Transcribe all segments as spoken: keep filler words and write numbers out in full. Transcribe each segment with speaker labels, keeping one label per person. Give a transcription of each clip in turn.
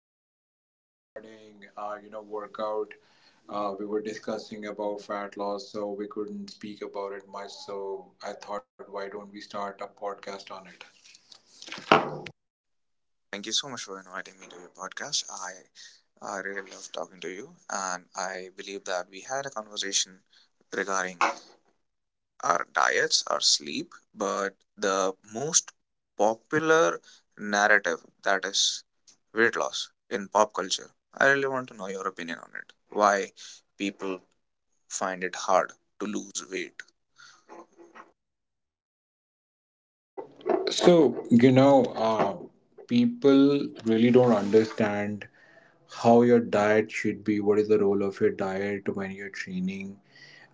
Speaker 1: had a conversation regarding uh, you know workout. Uh, we were discussing about fat loss, so we couldn't speak about it much. So I thought, why don't we start a podcast on it?
Speaker 2: Thank you so much for inviting me to your podcast. I I really love talking to you, and I believe that we had a conversation regarding our diets, our sleep, but the most popular narrative that is weight loss in pop culture. I really want to know your opinion on it. Why people find it hard to lose weight.
Speaker 1: So you know, uh, people really don't understand how your diet should be. What is the role of your diet when you're training?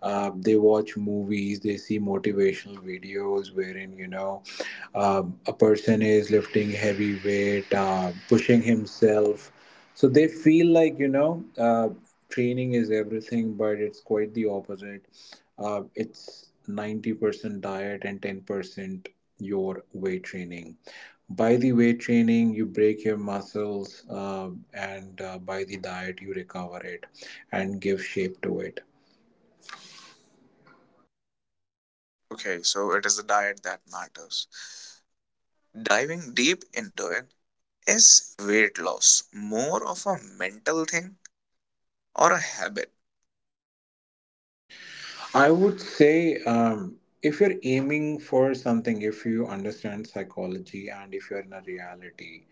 Speaker 1: Um, they watch movies, they see motivational videos wherein, you know, um, a person is lifting heavy weight, uh, pushing himself. So they feel like, you know, uh, training is everything, but it's quite the opposite. Uh, it's ninety percent diet and ten percent your weight training. By the weight training, you break your muscles, uh, and uh, by the diet, you recover it and give shape to it.
Speaker 2: Okay, so it is the diet that matters. Diving deep into it, is weight loss more of a mental thing or a habit?
Speaker 1: I would say um, if you're aiming for something, if you understand psychology and if you're in a reality,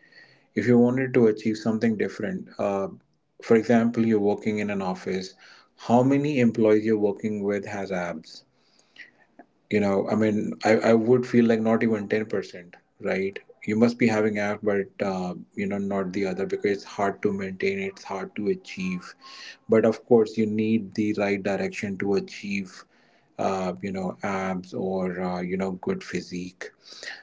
Speaker 1: if you wanted to achieve something different, uh, for example, you're working in an office, how many employees you're working with has abs? you know i mean i, I would feel like not even ten percent, right? You must be having app but uh, you know not the other, because it's hard to maintain, it's hard to achieve, but of course you need the right direction to achieve uh, you know abs or uh, you know good physique.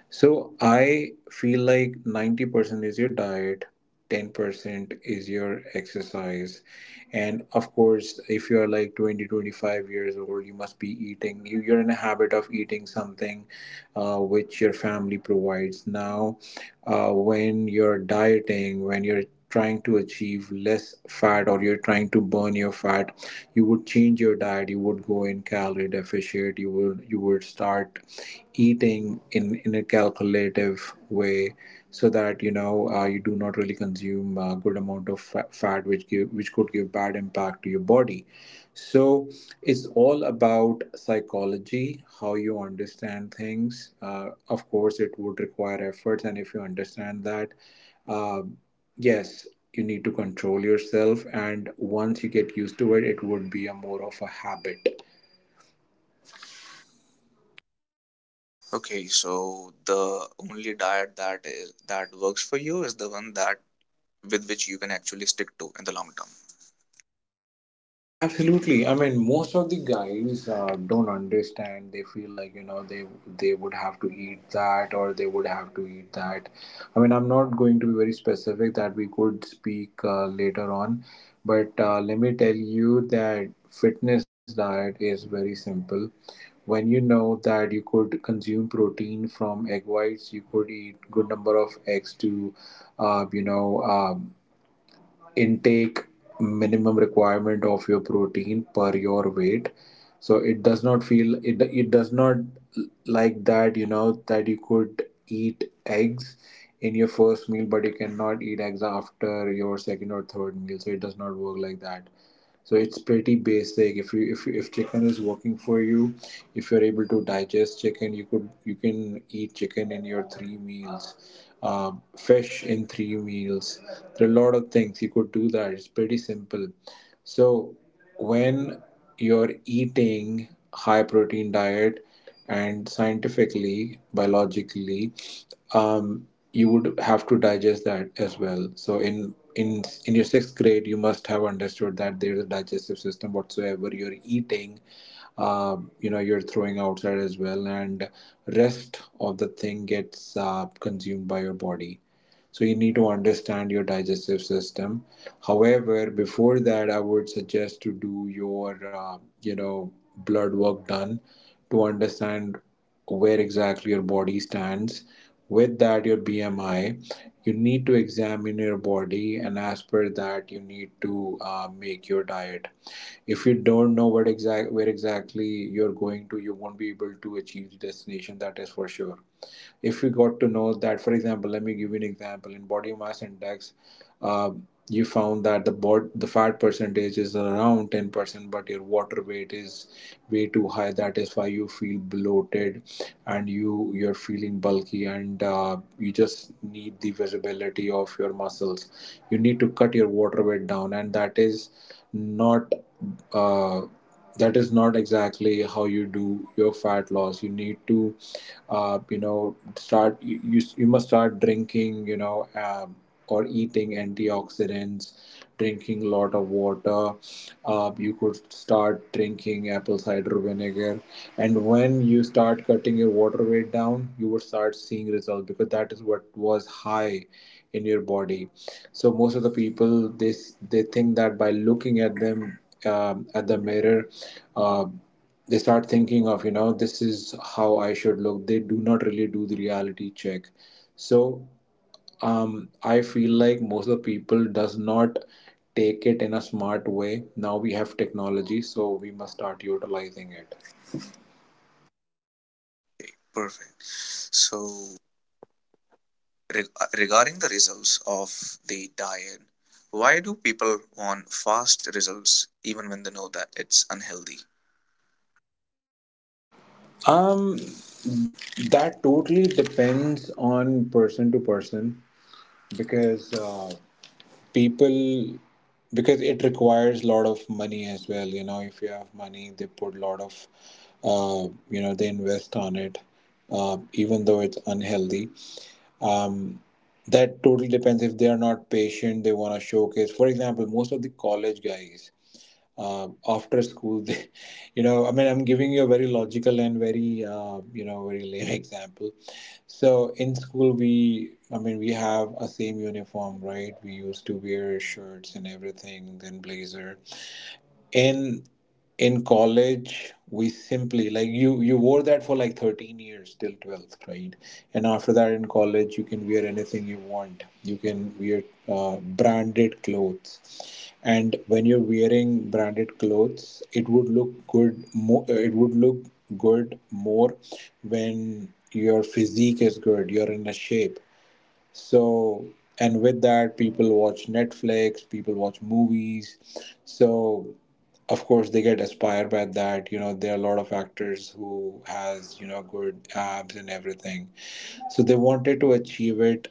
Speaker 1: So I feel like ninety percent is your diet, ten percent is your exercise. And of course, if you are like twenty twenty five years old, you must be eating, you, you're in a habit of eating something uh, which your family provides. Now, uh, when you're dieting, when you're trying to achieve less fat or you're trying to burn your fat, you would change your diet, you would go in calorie deficit, you would you would start eating in in a calculative way so that you know uh, you do not really consume a good amount of fa- fat which give, which could give bad impact to your body. So it's all about psychology, how you understand things. Uh, of course it would require efforts, and if you understand that, uh, yes, you need to control yourself, and once you get used to it, it would be a more of a habit.
Speaker 2: Okay, so the only diet that is that works for you is the one that with which you can actually stick to in the long term.
Speaker 1: Absolutely. I mean, most of the guys uh, don't understand. They feel like you know they they would have to eat that or they would have to eat that. I mean, I'm not going to be very specific. That we could speak uh, later on, but uh, let me tell you that fitness diet is very simple. When you know that you could consume protein from egg whites, you could eat good number of eggs to, uh, you know. uh, intake minimum requirement of your protein per your weight. So it does not feel it, it does not, like that you know that you could eat eggs in your first meal, but you cannot eat eggs after your second or third meal. So it does not work like that. So it's pretty basic. If you if, if chicken is working for you, if you're able to digest chicken, you could you can eat chicken in your three meals, um, fish in three meals. There are a lot of things you could do that. It's pretty simple. So when you're eating high protein diet and scientifically, biologically, um, you would have to digest that as well. So in in in your sixth grade, you must have understood that there is a digestive system. Whatsoever you're eating, um, you know, you're throwing outside as well, and rest of the thing gets uh, consumed by your body. So you need to understand your digestive system. However, before that, I would suggest to do your uh, you know blood work done to understand where exactly your body stands, with that your BMI. You need to examine your body, and as per that you need to uh, make your diet. If you don't know what exact, where exactly you're going to, you won't be able to achieve the destination, that is for sure. If you got to know that, for example, let me give you an example, in body mass index, uh, you found that the bod the fat percentage is around ten percent, but your water weight is way too high, that is why you feel bloated and you, you're feeling bulky, and uh, you just need the visibility of your muscles. You need to cut your water weight down, and that is not, uh, that is not exactly how you do your fat loss. You need to uh, you know start, you, you you must start drinking, you know, um, or eating antioxidants, drinking a lot of water. Uh, you could start drinking apple cider vinegar, and when you start cutting your water weight down, you would start seeing results, because that is what was high in your body. So most of the people, they s- they think that by looking at them, um, at the mirror, uh, they start thinking of, you know, this is how I should look. They do not really do the reality check. So um, I feel like most of the people does not take it in a smart way. Now we have technology, so we must start utilizing it.
Speaker 2: Perfect. So reg- uh, regarding the results of the diet, why do people want fast results even when they know that it's unhealthy?
Speaker 1: um that totally depends on person to person, because uh, people, because it requires a lot of money as well. You know, if you have money, they put a lot of uh, you know, they invest on it, uh, even though it's unhealthy. um, that totally depends. If they are not patient, they want to showcase. For example, most of the college guys, uh, after school they you know, I mean, I'm giving you a very logical and very uh, you know very lame example. So in school we, I mean, we have a same uniform, right? We used to wear shirts and everything, then blazer. In in college, we simply like, you you wore that for like thirteen years till twelfth, right? And after that in college you can wear anything you want, you can wear uh, branded clothes, and when you're wearing branded clothes it would look good more, it would look good more, when your physique is good, you're in a shape. So, and with that, people watch Netflix, people watch movies. So, of course they get inspired by that. You know, there are a lot of actors who has, you know, good abs and everything, so they wanted to achieve it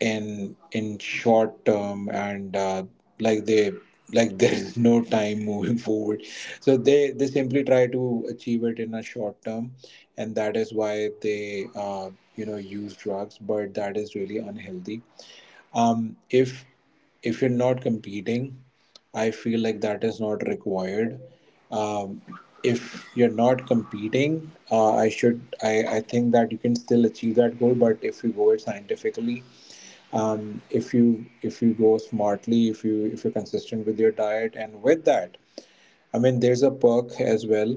Speaker 1: in in short term, and uh, like they like there is no time, moving forward, so they they simply try to achieve it in a short term, and that is why they uh, you know use drugs, but that is really unhealthy. um if if you're not competing, I feel like that is not required. um if you're not competing, uh, i should I, I think that you can still achieve that goal, but if you go it scientifically, um, if you, if you go smartly, if you, if you're consistent with your diet, and with that, I mean there's a perk as well.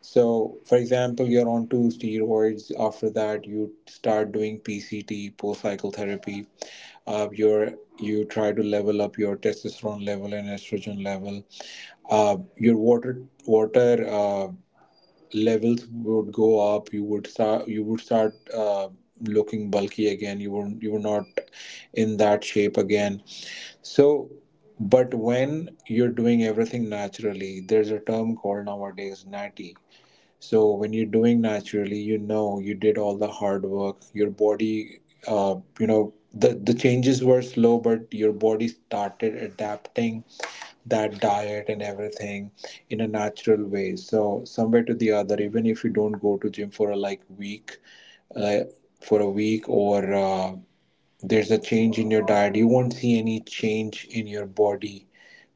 Speaker 1: So for example, you're on two steroids, after that you start doing PCT, post cycle therapy. Uh, your, you try to level up your testosterone level and estrogen level. Uh, your water water uh, levels would go up. You would start you would start uh, looking bulky again, you were you were not in that shape again. So, but when you're doing everything naturally, there's a term called nowadays, natty. So when you're doing naturally, you know, you did all the hard work. Your body, uh, you know, the the changes were slow, but your body started adapting that diet and everything in a natural way. So somewhere to the other, even if you don't go to gym for a like week, uh, for a week or. Uh, there's a change in your diet, you won't see any change in your body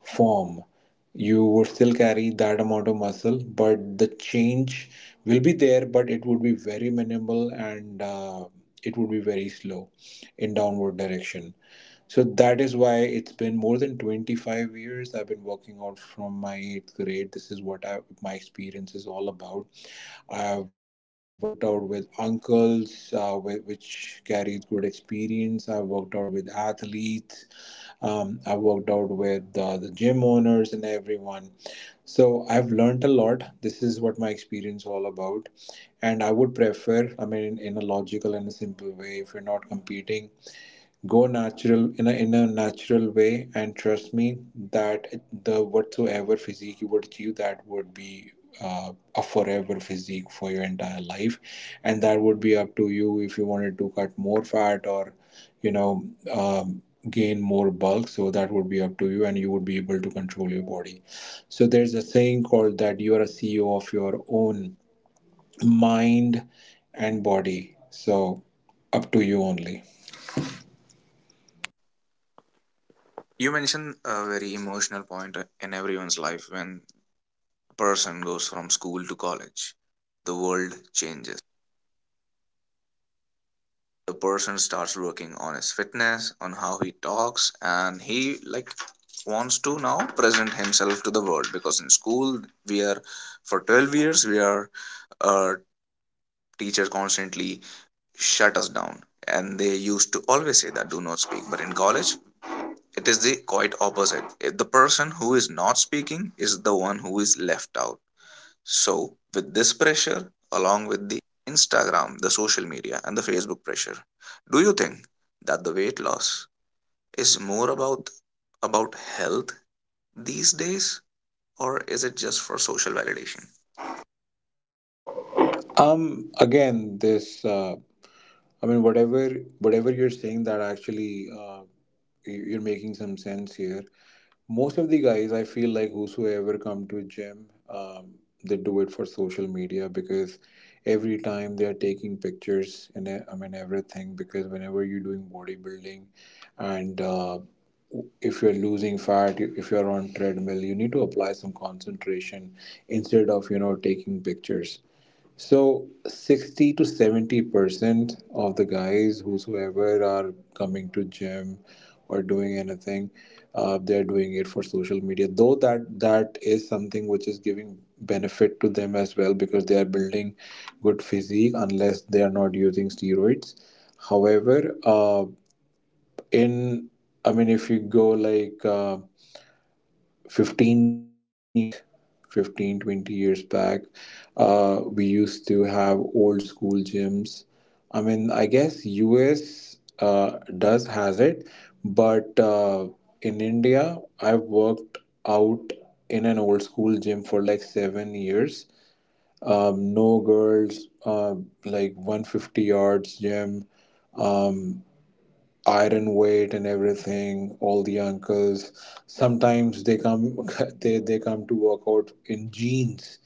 Speaker 1: form. You would still carry that amount of muscle, but the change will be there, but it would be very minimal, and uh, it would be very slow in downward direction. So that is why it's been more than twenty-five years I've been working out from my eighth grade. This is what I, my experience is all about. I've uh, worked out with uncles, uh, whi- which carries good experience. I've worked out with athletes. Um, I've worked out with uh, the gym owners and everyone. So I've learned a lot. This is what my experience all about. And I would prefer, I mean, in, in a logical and a simple way, if you're not competing, go natural in a in a natural way, and trust me that the whatsoever physique you would achieve, that would be uh, a forever physique for your entire life, and that would be up to you if you wanted to cut more fat or you know um, gain more bulk. So that would be up to you, and you would be able to control your body. So there's a saying called that you are a C E O of your own mind and body. So up to you only.
Speaker 2: You mentioned a very emotional point uh, in everyone's life when a person goes from school to college. The world changes. The person starts working on his fitness, on how he talks, and he like wants to now present himself to the world, because in school we are, for twelve years we are our teacher constantly shut us down, and they used to always say that do not speak. But in college it is the quite opposite. If the person who is not speaking is the one who is left out. So, with this pressure, along with the Instagram, the social media, and the Facebook pressure, do you think that the weight loss is more about about health these days, or is it just for social validation?
Speaker 1: Um, again, this, uh, I mean, whatever, whatever you're saying that actually, uh, you- you're making some sense here. Most of the guys, I feel like whosoever come to gym, um, they do it for social media, because every time they are taking pictures and e- I mean everything, because whenever you're doing bodybuilding and uh, if you're losing fat, you- if you're on treadmill, you need to apply some concentration instead of you know taking pictures. So sixty to seventy percent of the guys whosoever are coming to gym or doing anything, uh, they're doing it for social media. Though that that is something which is giving benefit to them as well, because they are building good physique unless they are not using steroids. However, uh, in I mean, if you go like uh, fifteen years back fifteen twenty years back, uh, we used to have old school gyms. I mean, I guess U S uh, does has it, but uh, in India I've worked out in an old school gym for like seven years, um, no girls, uh, like one hundred fifty yards gym. Um Iron weight and everything, all the uncles sometimes they come they, they come to work out in jeans,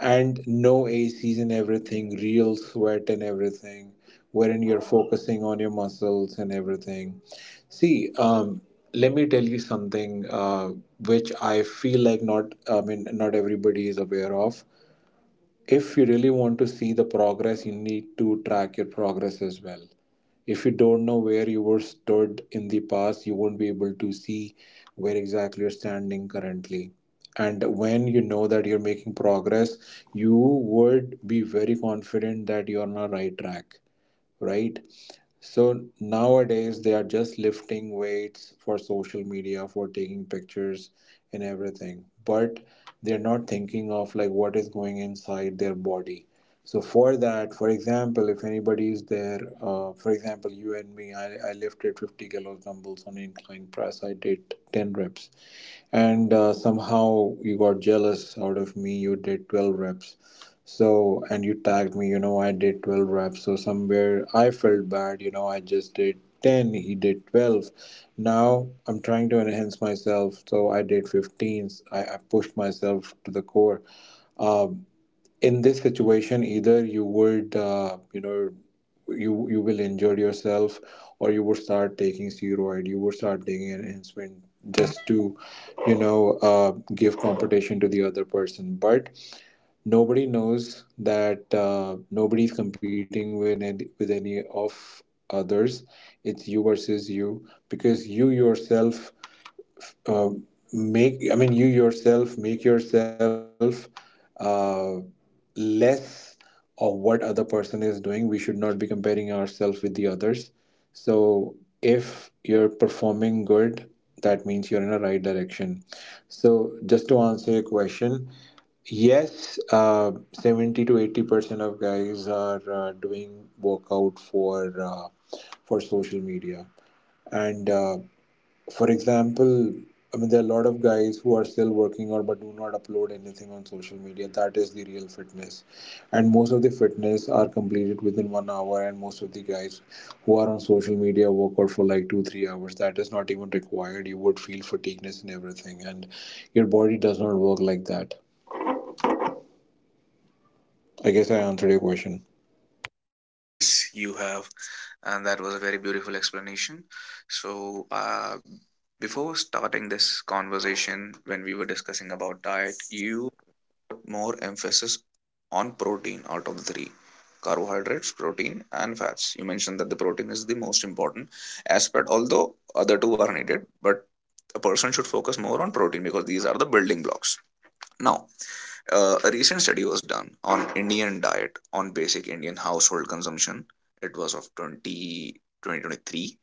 Speaker 1: and no A Cs and everything, real sweat and everything, wherein you're focusing on your muscles and everything. See, um let me tell you something, uh, which I feel like not, I mean, not everybody is aware of. If you really want to see the progress, you need to track your progress as well. If you don't know where you were stood in the past, you won't be able to see where exactly you're standing currently. And when you know that you're making progress, you would be very confident that you're on the right track, right? So nowadays they are just lifting weights for social media, for taking pictures and everything. But they're not thinking of like what is going inside their body. So for that, for example, if anybody is there, uh, for example, you and me, I, I lifted fifty kilos dumbbells on incline press. I did ten reps, and uh, somehow you got jealous out of me, you did twelve reps. So, and you tagged me, you know I did twelve reps, so somewhere I felt bad, you know I just did ten, he did twelve. Now I'm trying to enhance myself, so I did fifteens. I, I pushed myself to the core. Um, in this situation, either you would uh, you know you you will injure yourself, or you would start taking steroid, you would start taking an enhancement, just to you know uh, give competition to the other person, but nobody knows that uh, nobody's competing with any, with any of others. It's you versus you, because you yourself, uh, make I mean you yourself make yourself uh, less of what other person is doing. We should not be comparing ourselves with the others. So if you're performing good, that means you're in a right direction. So just to answer your question, yes, uh, seventy to eighty percent of guys are uh, doing workout for uh, for social media, and uh, for example, I mean, there are a lot of guys who are still working out but do not upload anything on social media. That is the real fitness. And most of the fitness are completed within one hour. And most of the guys who are on social media work out for like two, three hours. That is not even required. You would feel fatigueness and everything. And your body does not work like that. I guess I answered your question.
Speaker 2: Yes, you have, and that was a very beautiful explanation. So, uh, before starting this conversation, when we were discussing about diet, you more emphasis on protein. Out of the three, carbohydrates, protein, and fats, you mentioned that the protein is the most important aspect. Although other two are needed, but a person should focus more on protein because these are the building blocks. Now, uh, a recent study was done on Indian diet on basic Indian household consumption. It was of 20 twenty twenty three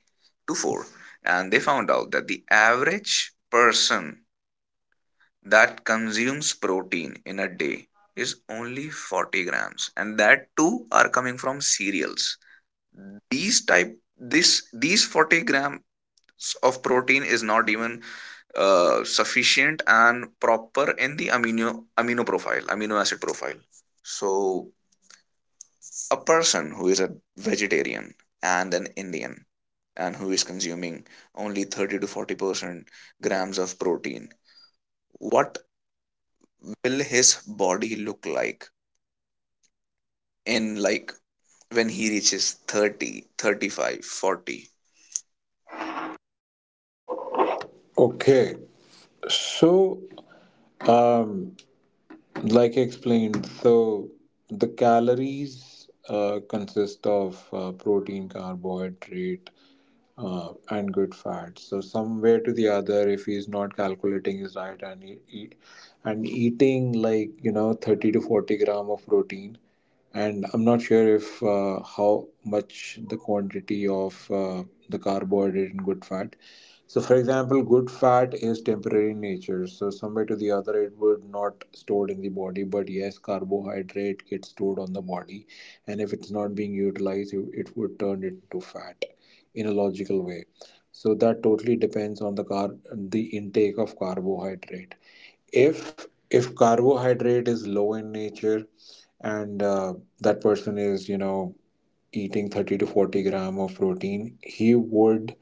Speaker 2: to four, and they found out that the average person that consumes protein in a day is only forty grams, and that too are coming from cereals. These type this these forty grams of protein is not even uh, sufficient and proper in the amino amino profile amino acid profile. So a person who is a vegetarian and an Indian, and who is consuming only thirty to forty percent grams of protein, what will his body look like in like when he reaches thirty, thirty five, forty?
Speaker 1: Okay. So, um, like I explained, so the calories uh, consist of uh, protein, carbohydrate, uh, and good fat. So somewhere to the other, if he's not calculating his diet and he, he, and eating like you know thirty to forty gram of protein, and I'm not sure if uh, how much the quantity of uh, the carbohydrate and good fat. So for example, good fat is temporary in nature, so somewhere to the other it would not stored in the body, but yes, carbohydrate gets stored on the body. And if it's not being utilized, it it would turn it into fat, in a logical way. So that totally depends on the car the intake of carbohydrate. If if carbohydrate is low in nature, and uh, that person is you know eating thirty to forty gram of protein, he would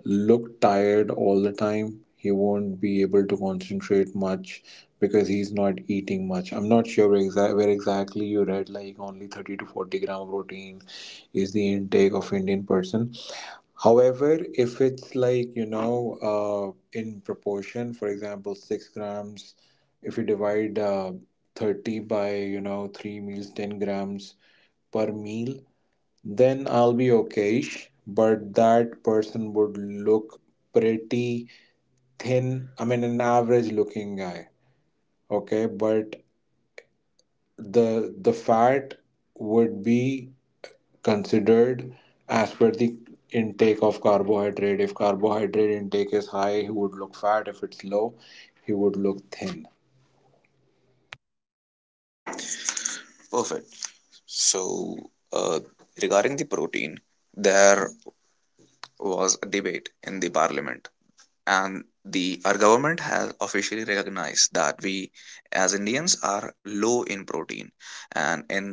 Speaker 1: look tired all the time, he won't be able to concentrate much because he's not eating much. I'm not sure where, exa- where exactly you read like only thirty to forty gram of protein is the intake of Indian person. However, if it's like, you know, uh, in proportion, for example, six grams, if you divide uh, thirty by, you know, three meals, ten grams per meal, then I'll be okayish. But that person would look pretty thin. I mean, an average looking guy. Okay. But the the fat would be considered as per the intake of carbohydrate. If carbohydrate intake is high, he would look fat. If it's low, he would look thin.
Speaker 2: Perfect. So uh, regarding the protein, there was a debate in the parliament, and the our government has officially recognized that we as Indians are low in protein. And in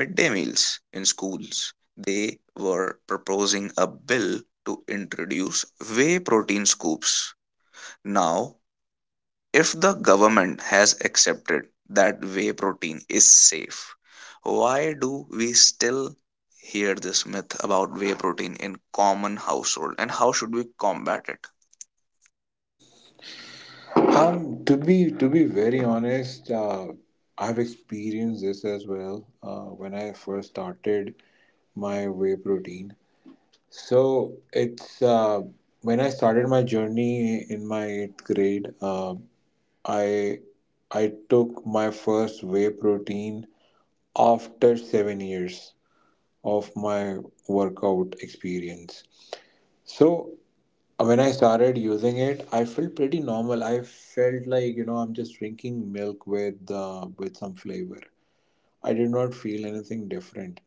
Speaker 2: midday meals in schools, they were proposing a bill to introduce whey protein scoops. Now, if the government has accepted that whey protein is safe, why do we still hear this myth about whey protein in common household, and how should we combat it?
Speaker 1: Um, to be to be very honest, uh, I've experienced this as well, uh, when I first started my whey protein. So, it's uh, when I started my journey in my eighth grade. Uh, I I took my first whey protein after seven years of my workout experience. So uh, when I started using it, I felt pretty normal. I felt like you know I'm just drinking milk with uh, with some flavor. I did not feel anything different.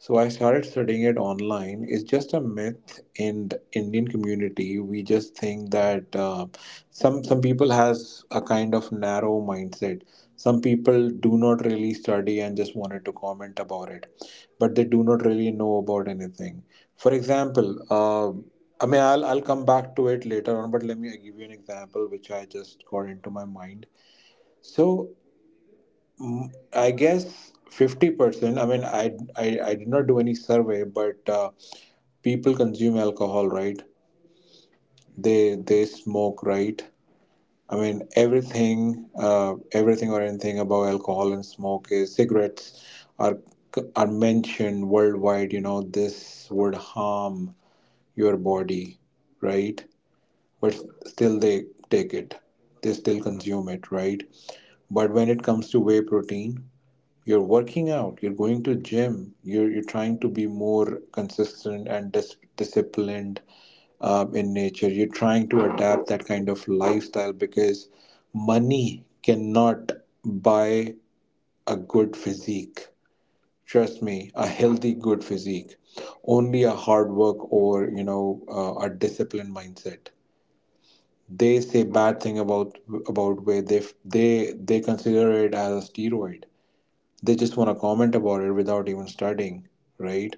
Speaker 1: So I started studying it online. It's just a myth in the Indian community. We just think that uh, some some people has a kind of narrow mindset. Some people do not really study and just wanted to comment about it, but they do not really know about anything. For example, uh, I mean, I'll I'll come back to it later on, but let me give you an example which I just got into my mind. So, Mm, I guess fifty percent. I mean, I, I, I did not do any survey, but uh, people consume alcohol, right? They they smoke, right? I mean, everything, uh, everything or anything about alcohol and smoke is cigarettes are c- are mentioned worldwide. You know, this would harm your body, right? But still, they take it. They still consume it, right? But when it comes to whey protein, you're working out, you're going to gym, you're, you're trying to be more consistent and dis- disciplined, um, in nature you're trying to adapt that kind of lifestyle, because money cannot buy a good physique, trust me, a healthy good physique. Only a hard work, or you know uh, a disciplined mindset. They say bad thing about about where they they they consider it as a steroid. They just want to comment about it without even studying, right?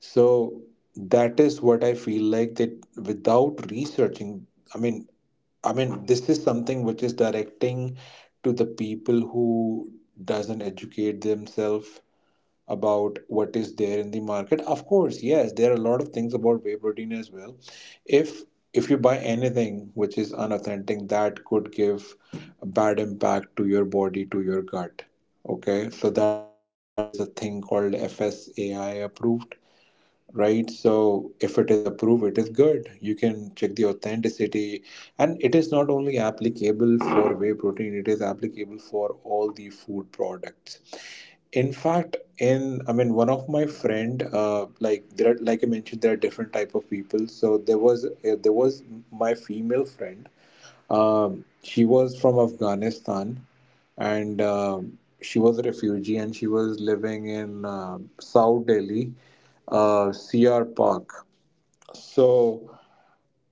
Speaker 1: So that is what I feel like, that without researching, i mean i mean this is something which is directing to the people who doesn't educate themselves about what is there in the market. Of course, yes, there are a lot of things about whey protein as well. If if you buy anything which is unauthentic, that could give a bad impact to your body, to your gut. Okay, so that is why there is a thing called FSAI approved, right? So if it is approved, it is good, you can check the authenticity. And it is not only applicable for whey protein, it is applicable for all the food products. In fact, in I mean, one of my friend, uh, like there are, like I mentioned, there are different type of people. So there was uh, there was my female friend. Um, she was from Afghanistan, and um she was a refugee, and she was living in uh, South Delhi, uh, C R Park. So,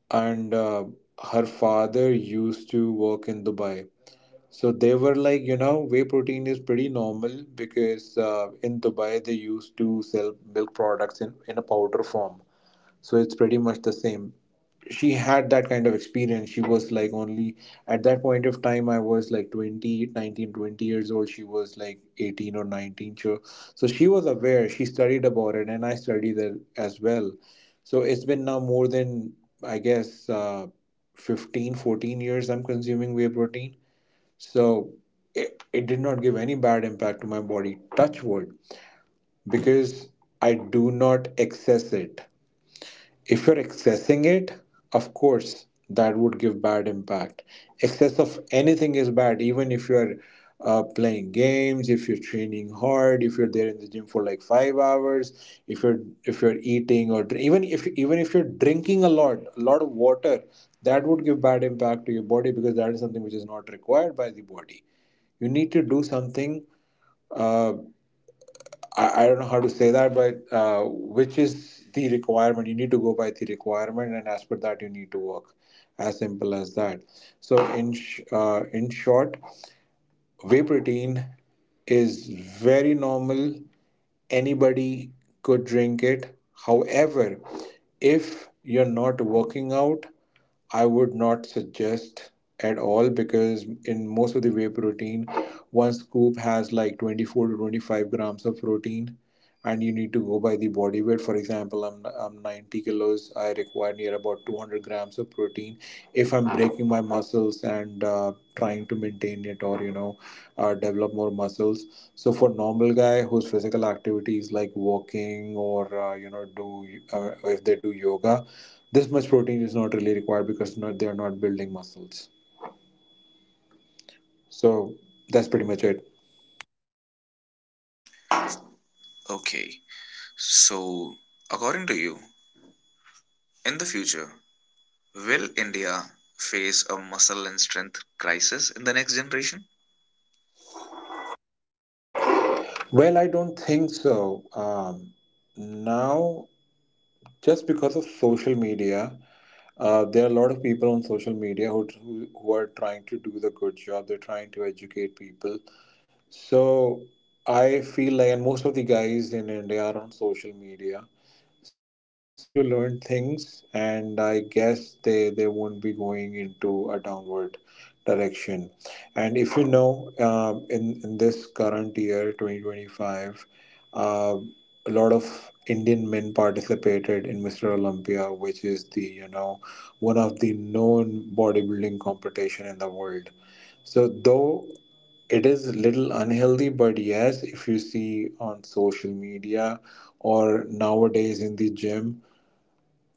Speaker 1: and uh, her father used to work in Dubai. So they were like, you know, whey protein is pretty normal, because uh, in Dubai they used to sell milk products in, in, a powder form. So it's pretty much the same. She had that kind of experience. She was like only at that point of time, I was like twenty nineteen twenty years old. She was like eighteen or nineteen. So, so she was aware. She studied about it, and I studied it as well. So it's been now more than, I guess, uh, fifteen, fourteen years I'm consuming whey protein, so it, it did not give any bad impact to my body, touch wood, because I do not excess it. If you're excessing it, of course that would give bad impact. Excess of anything is bad, even if you're uh, playing games, if you're training hard, if you're there in the gym for like five hours, if you're if you're eating or dr- even if even if you're drinking a lot a lot of water, that would give bad impact to your body because that is something which is not required by the body. You need to do something. Uh, I, I don't know how to say that, but uh, which is the requirement. You need to go by the requirement, and as per that, you need to work. As simple as that. So, in sh- uh, in short, whey protein is very normal. Anybody could drink it. However, if you're not working out, I would not suggest at all because in most of the whey protein, one scoop has like twenty-four to twenty-five grams of protein, and you need to go by the body weight. For example, I'm I'm ninety kilos. I require near about two hundred grams of protein if I'm breaking my muscles and uh, trying to maintain it, or you know uh, develop more muscles. So for normal guy whose physical activity is like walking, or uh, you know do uh, if they do yoga, this much protein is not really required because not they are not building muscles. So that's pretty much it.
Speaker 2: Okay, so according to you, in the future, will India face a muscle and strength crisis in the next generation?
Speaker 1: Well, I don't think so. Um, now, just because of social media, uh, there are a lot of people on social media who, who, who are trying to do the good job. They're trying to educate people. So I feel like, and most of the guys in India are on social media, so they're trying to learn things, and I guess they they won't be going into a downward direction. And if you know, um, in in this current year, twenty twenty five, uh, a lot of Indian men participated in Mister Olympia, which is the you know one of the known bodybuilding competition in the world. So, though it is little unhealthy, but yes, if you see on social media or nowadays in the gym,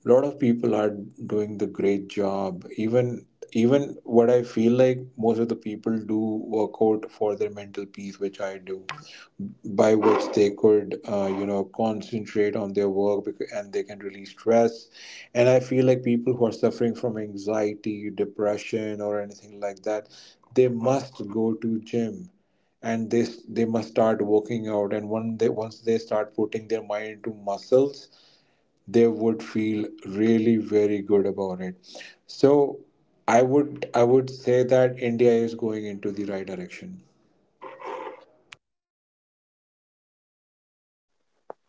Speaker 1: a lot of people are doing the great job. Even even what I feel like, most of the people do work out for their mental peace, which I do, by which they could uh, you know concentrate on their work, becau- and they can release stress. And I feel like people who are suffering from anxiety, depression, or anything like that, they must go to gym. And they they must start working out. And one they once they start putting their mind into muscles, they would feel really very good about it. So i would i would say that India is going into the right direction.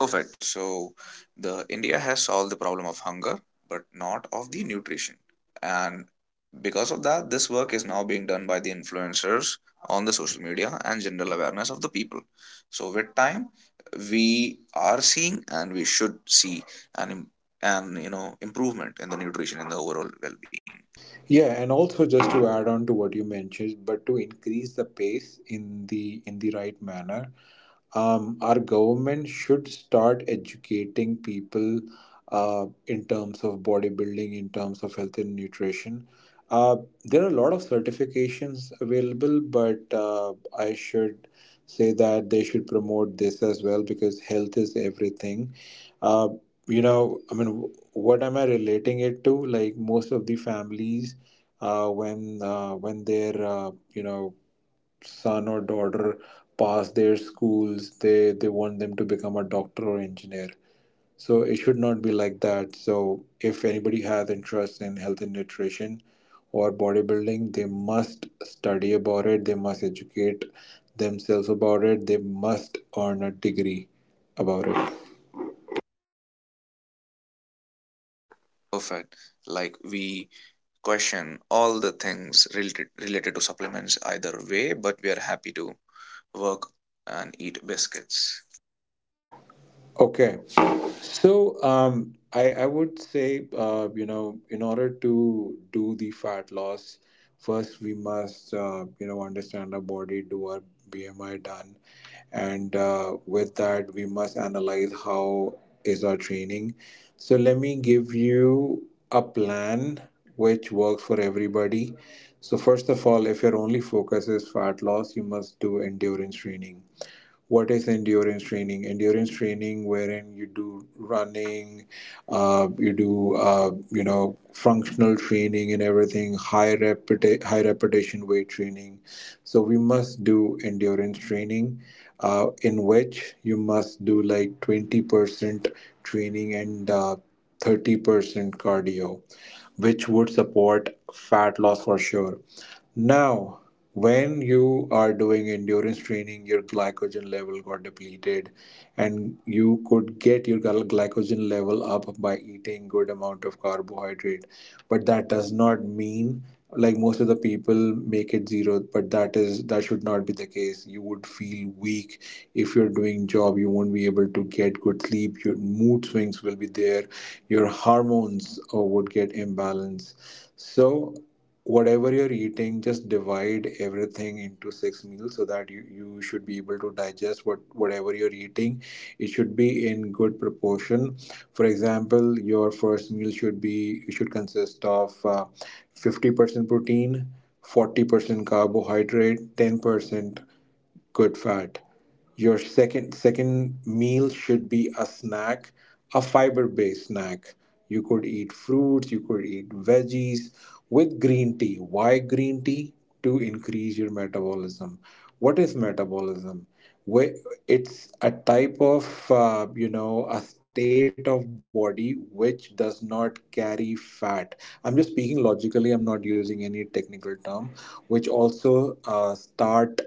Speaker 2: Perfect. So the India has solved the problem of hunger, but not of the nutrition. And because of that, this work is now being done by the influencers on the social media and general awareness of the people. So with time, we are seeing, and we should see, an im- an you know improvement in the nutrition and the overall well-being.
Speaker 1: Yeah, and also just to add on to what you mentioned, but to increase the pace in the in the right manner, um, our government should start educating people uh, in terms of bodybuilding, in terms of health and nutrition. Uh, there are a lot of certifications available, but uh, I should say that they should promote this as well because health is everything. Uh, you know, I mean, w- what am I relating it to? Like most of the families, uh, when uh, when their uh, you know son or daughter pass their schools, they they want them to become a doctor or engineer. So it should not be like that. So if anybody has interest in health and nutrition or bodybuilding, they must study about it. They must educate themselves about it. They must earn a degree about it.
Speaker 2: Perfect. Like we question all the things related related to supplements either way, but we are happy to work and eat biscuits.
Speaker 1: Okay. So um, I, I would say, uh, you know, in order to do the fat loss, first we must, uh, you know, understand our body, do our B M I done. And uh, with that, we must analyze how is our training. So let me give you a plan which works for everybody. So first of all, if your only focus is fat loss, you must do endurance training. What is endurance training? Endurance training wherein you do running, uh, you do uh, you know functional training and everything, high repeti- high repetition weight training. So we must do endurance training, uh, in which you must do like twenty percent training and uh, thirty percent cardio, which would support fat loss for sure. Now, when you are doing endurance training, your glycogen level got depleted, and you could get your gly- glycogen level up by eating good amount of carbohydrate. But that does not mean like most of the people make it zero, but that is that should not be the case. You would feel weak if you're doing job, you won't be able to get good sleep, your mood swings will be there, your hormones uh, would get imbalance. So whatever you're eating, just divide everything into six meals so that you, you should be able to digest what whatever you're eating. It should be in good proportion. For example, your first meal should be should consist of uh, fifty percent protein, forty percent carbohydrate, ten percent good fat. Your second second meal should be a snack, a fiber-based snack. You could eat fruits, you could eat veggies with green tea. Why green tea? To increase your metabolism. What is metabolism? whi- it's a type of uh, you know a state of body which does not carry fat. I'm just speaking logically, I'm not using any technical term, which also uh, start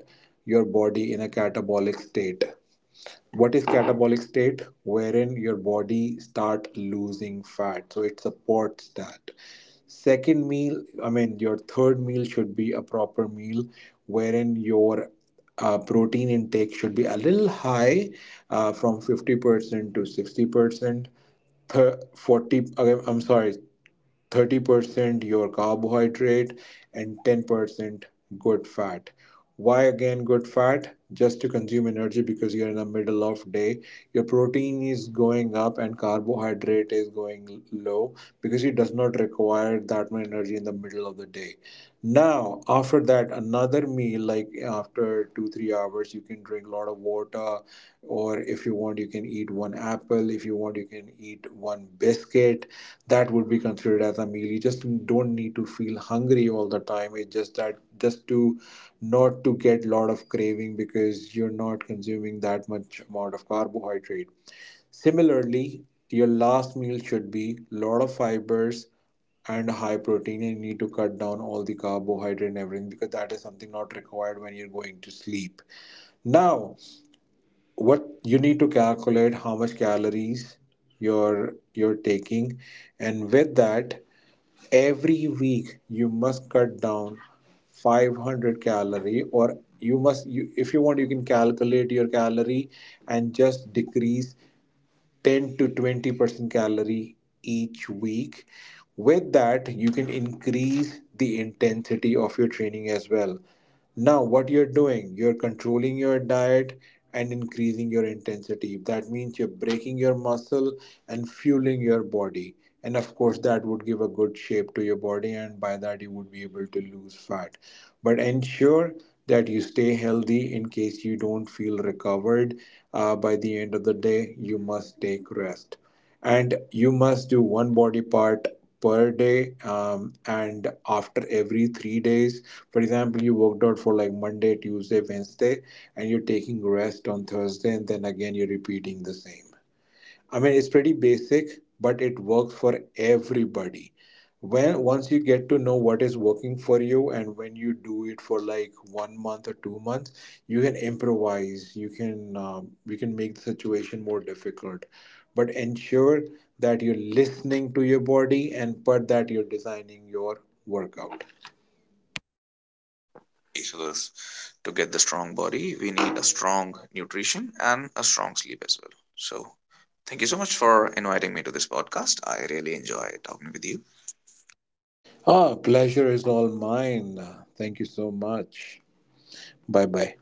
Speaker 1: your body in a catabolic state. What is catabolic state? Wherein your body start losing fat, so it supports that. Second meal, I mean, your third meal should be a proper meal wherein your uh, protein intake should be a little high, uh, from fifty percent to sixty percent. Thir- forty, okay, I'm sorry, thirty percent your carbohydrate and ten percent good fat. Why again good fat? Just to consume energy because you're in the middle of day, your protein is going up and carbohydrate is going low because it does not require that much energy in the middle of the day. Now after that, another meal, like after two three hours, you can drink a lot of water. Or if you want, you can eat one apple. If you want, you can eat one biscuit. That would be considered as a meal. You just don't need to feel hungry all the time. It's just that, just to not to get lot of craving because you're not consuming that much amount of carbohydrate. Similarly, your last meal should be lot of fibers and high protein, and you need to cut down all the carbohydrate and everything because that is something not required when you're going to sleep. Now, what you need to calculate, how much calories you're you're taking. And with that, every week you must cut down five hundred calorie, or you must you if you want, you can calculate your calorie and just decrease ten to twenty percent calorie each week. With that, you can increase the intensity of your training as well. Now, what you're doing, you're controlling your diet and increasing your intensity. That means you're breaking your muscle and fueling your body, and of course that would give a good shape to your body, and by that you would be able to lose fat. But ensure that you stay healthy. In case you don't feel recovered, uh, by the end of the day, you must take rest. And you must do one body part per day, um, and after every three days, for example, you worked out for like Monday, Tuesday, Wednesday, and you're taking rest on Thursday, and then again you're repeating the same. I mean, it's pretty basic, but it works for everybody. When once you get to know what is working for you, and when you do it for like one month or two months, you can improvise. You can um, you can make the situation more difficult, but ensure that you're listening to your body and but that you're designing your workout.
Speaker 2: Each of To get the strong body, we need a strong nutrition and a strong sleep as well. So thank you so much for inviting me to this podcast. I really enjoy talking with you.
Speaker 1: Ah, pleasure is all mine. Thank you so much. Bye bye.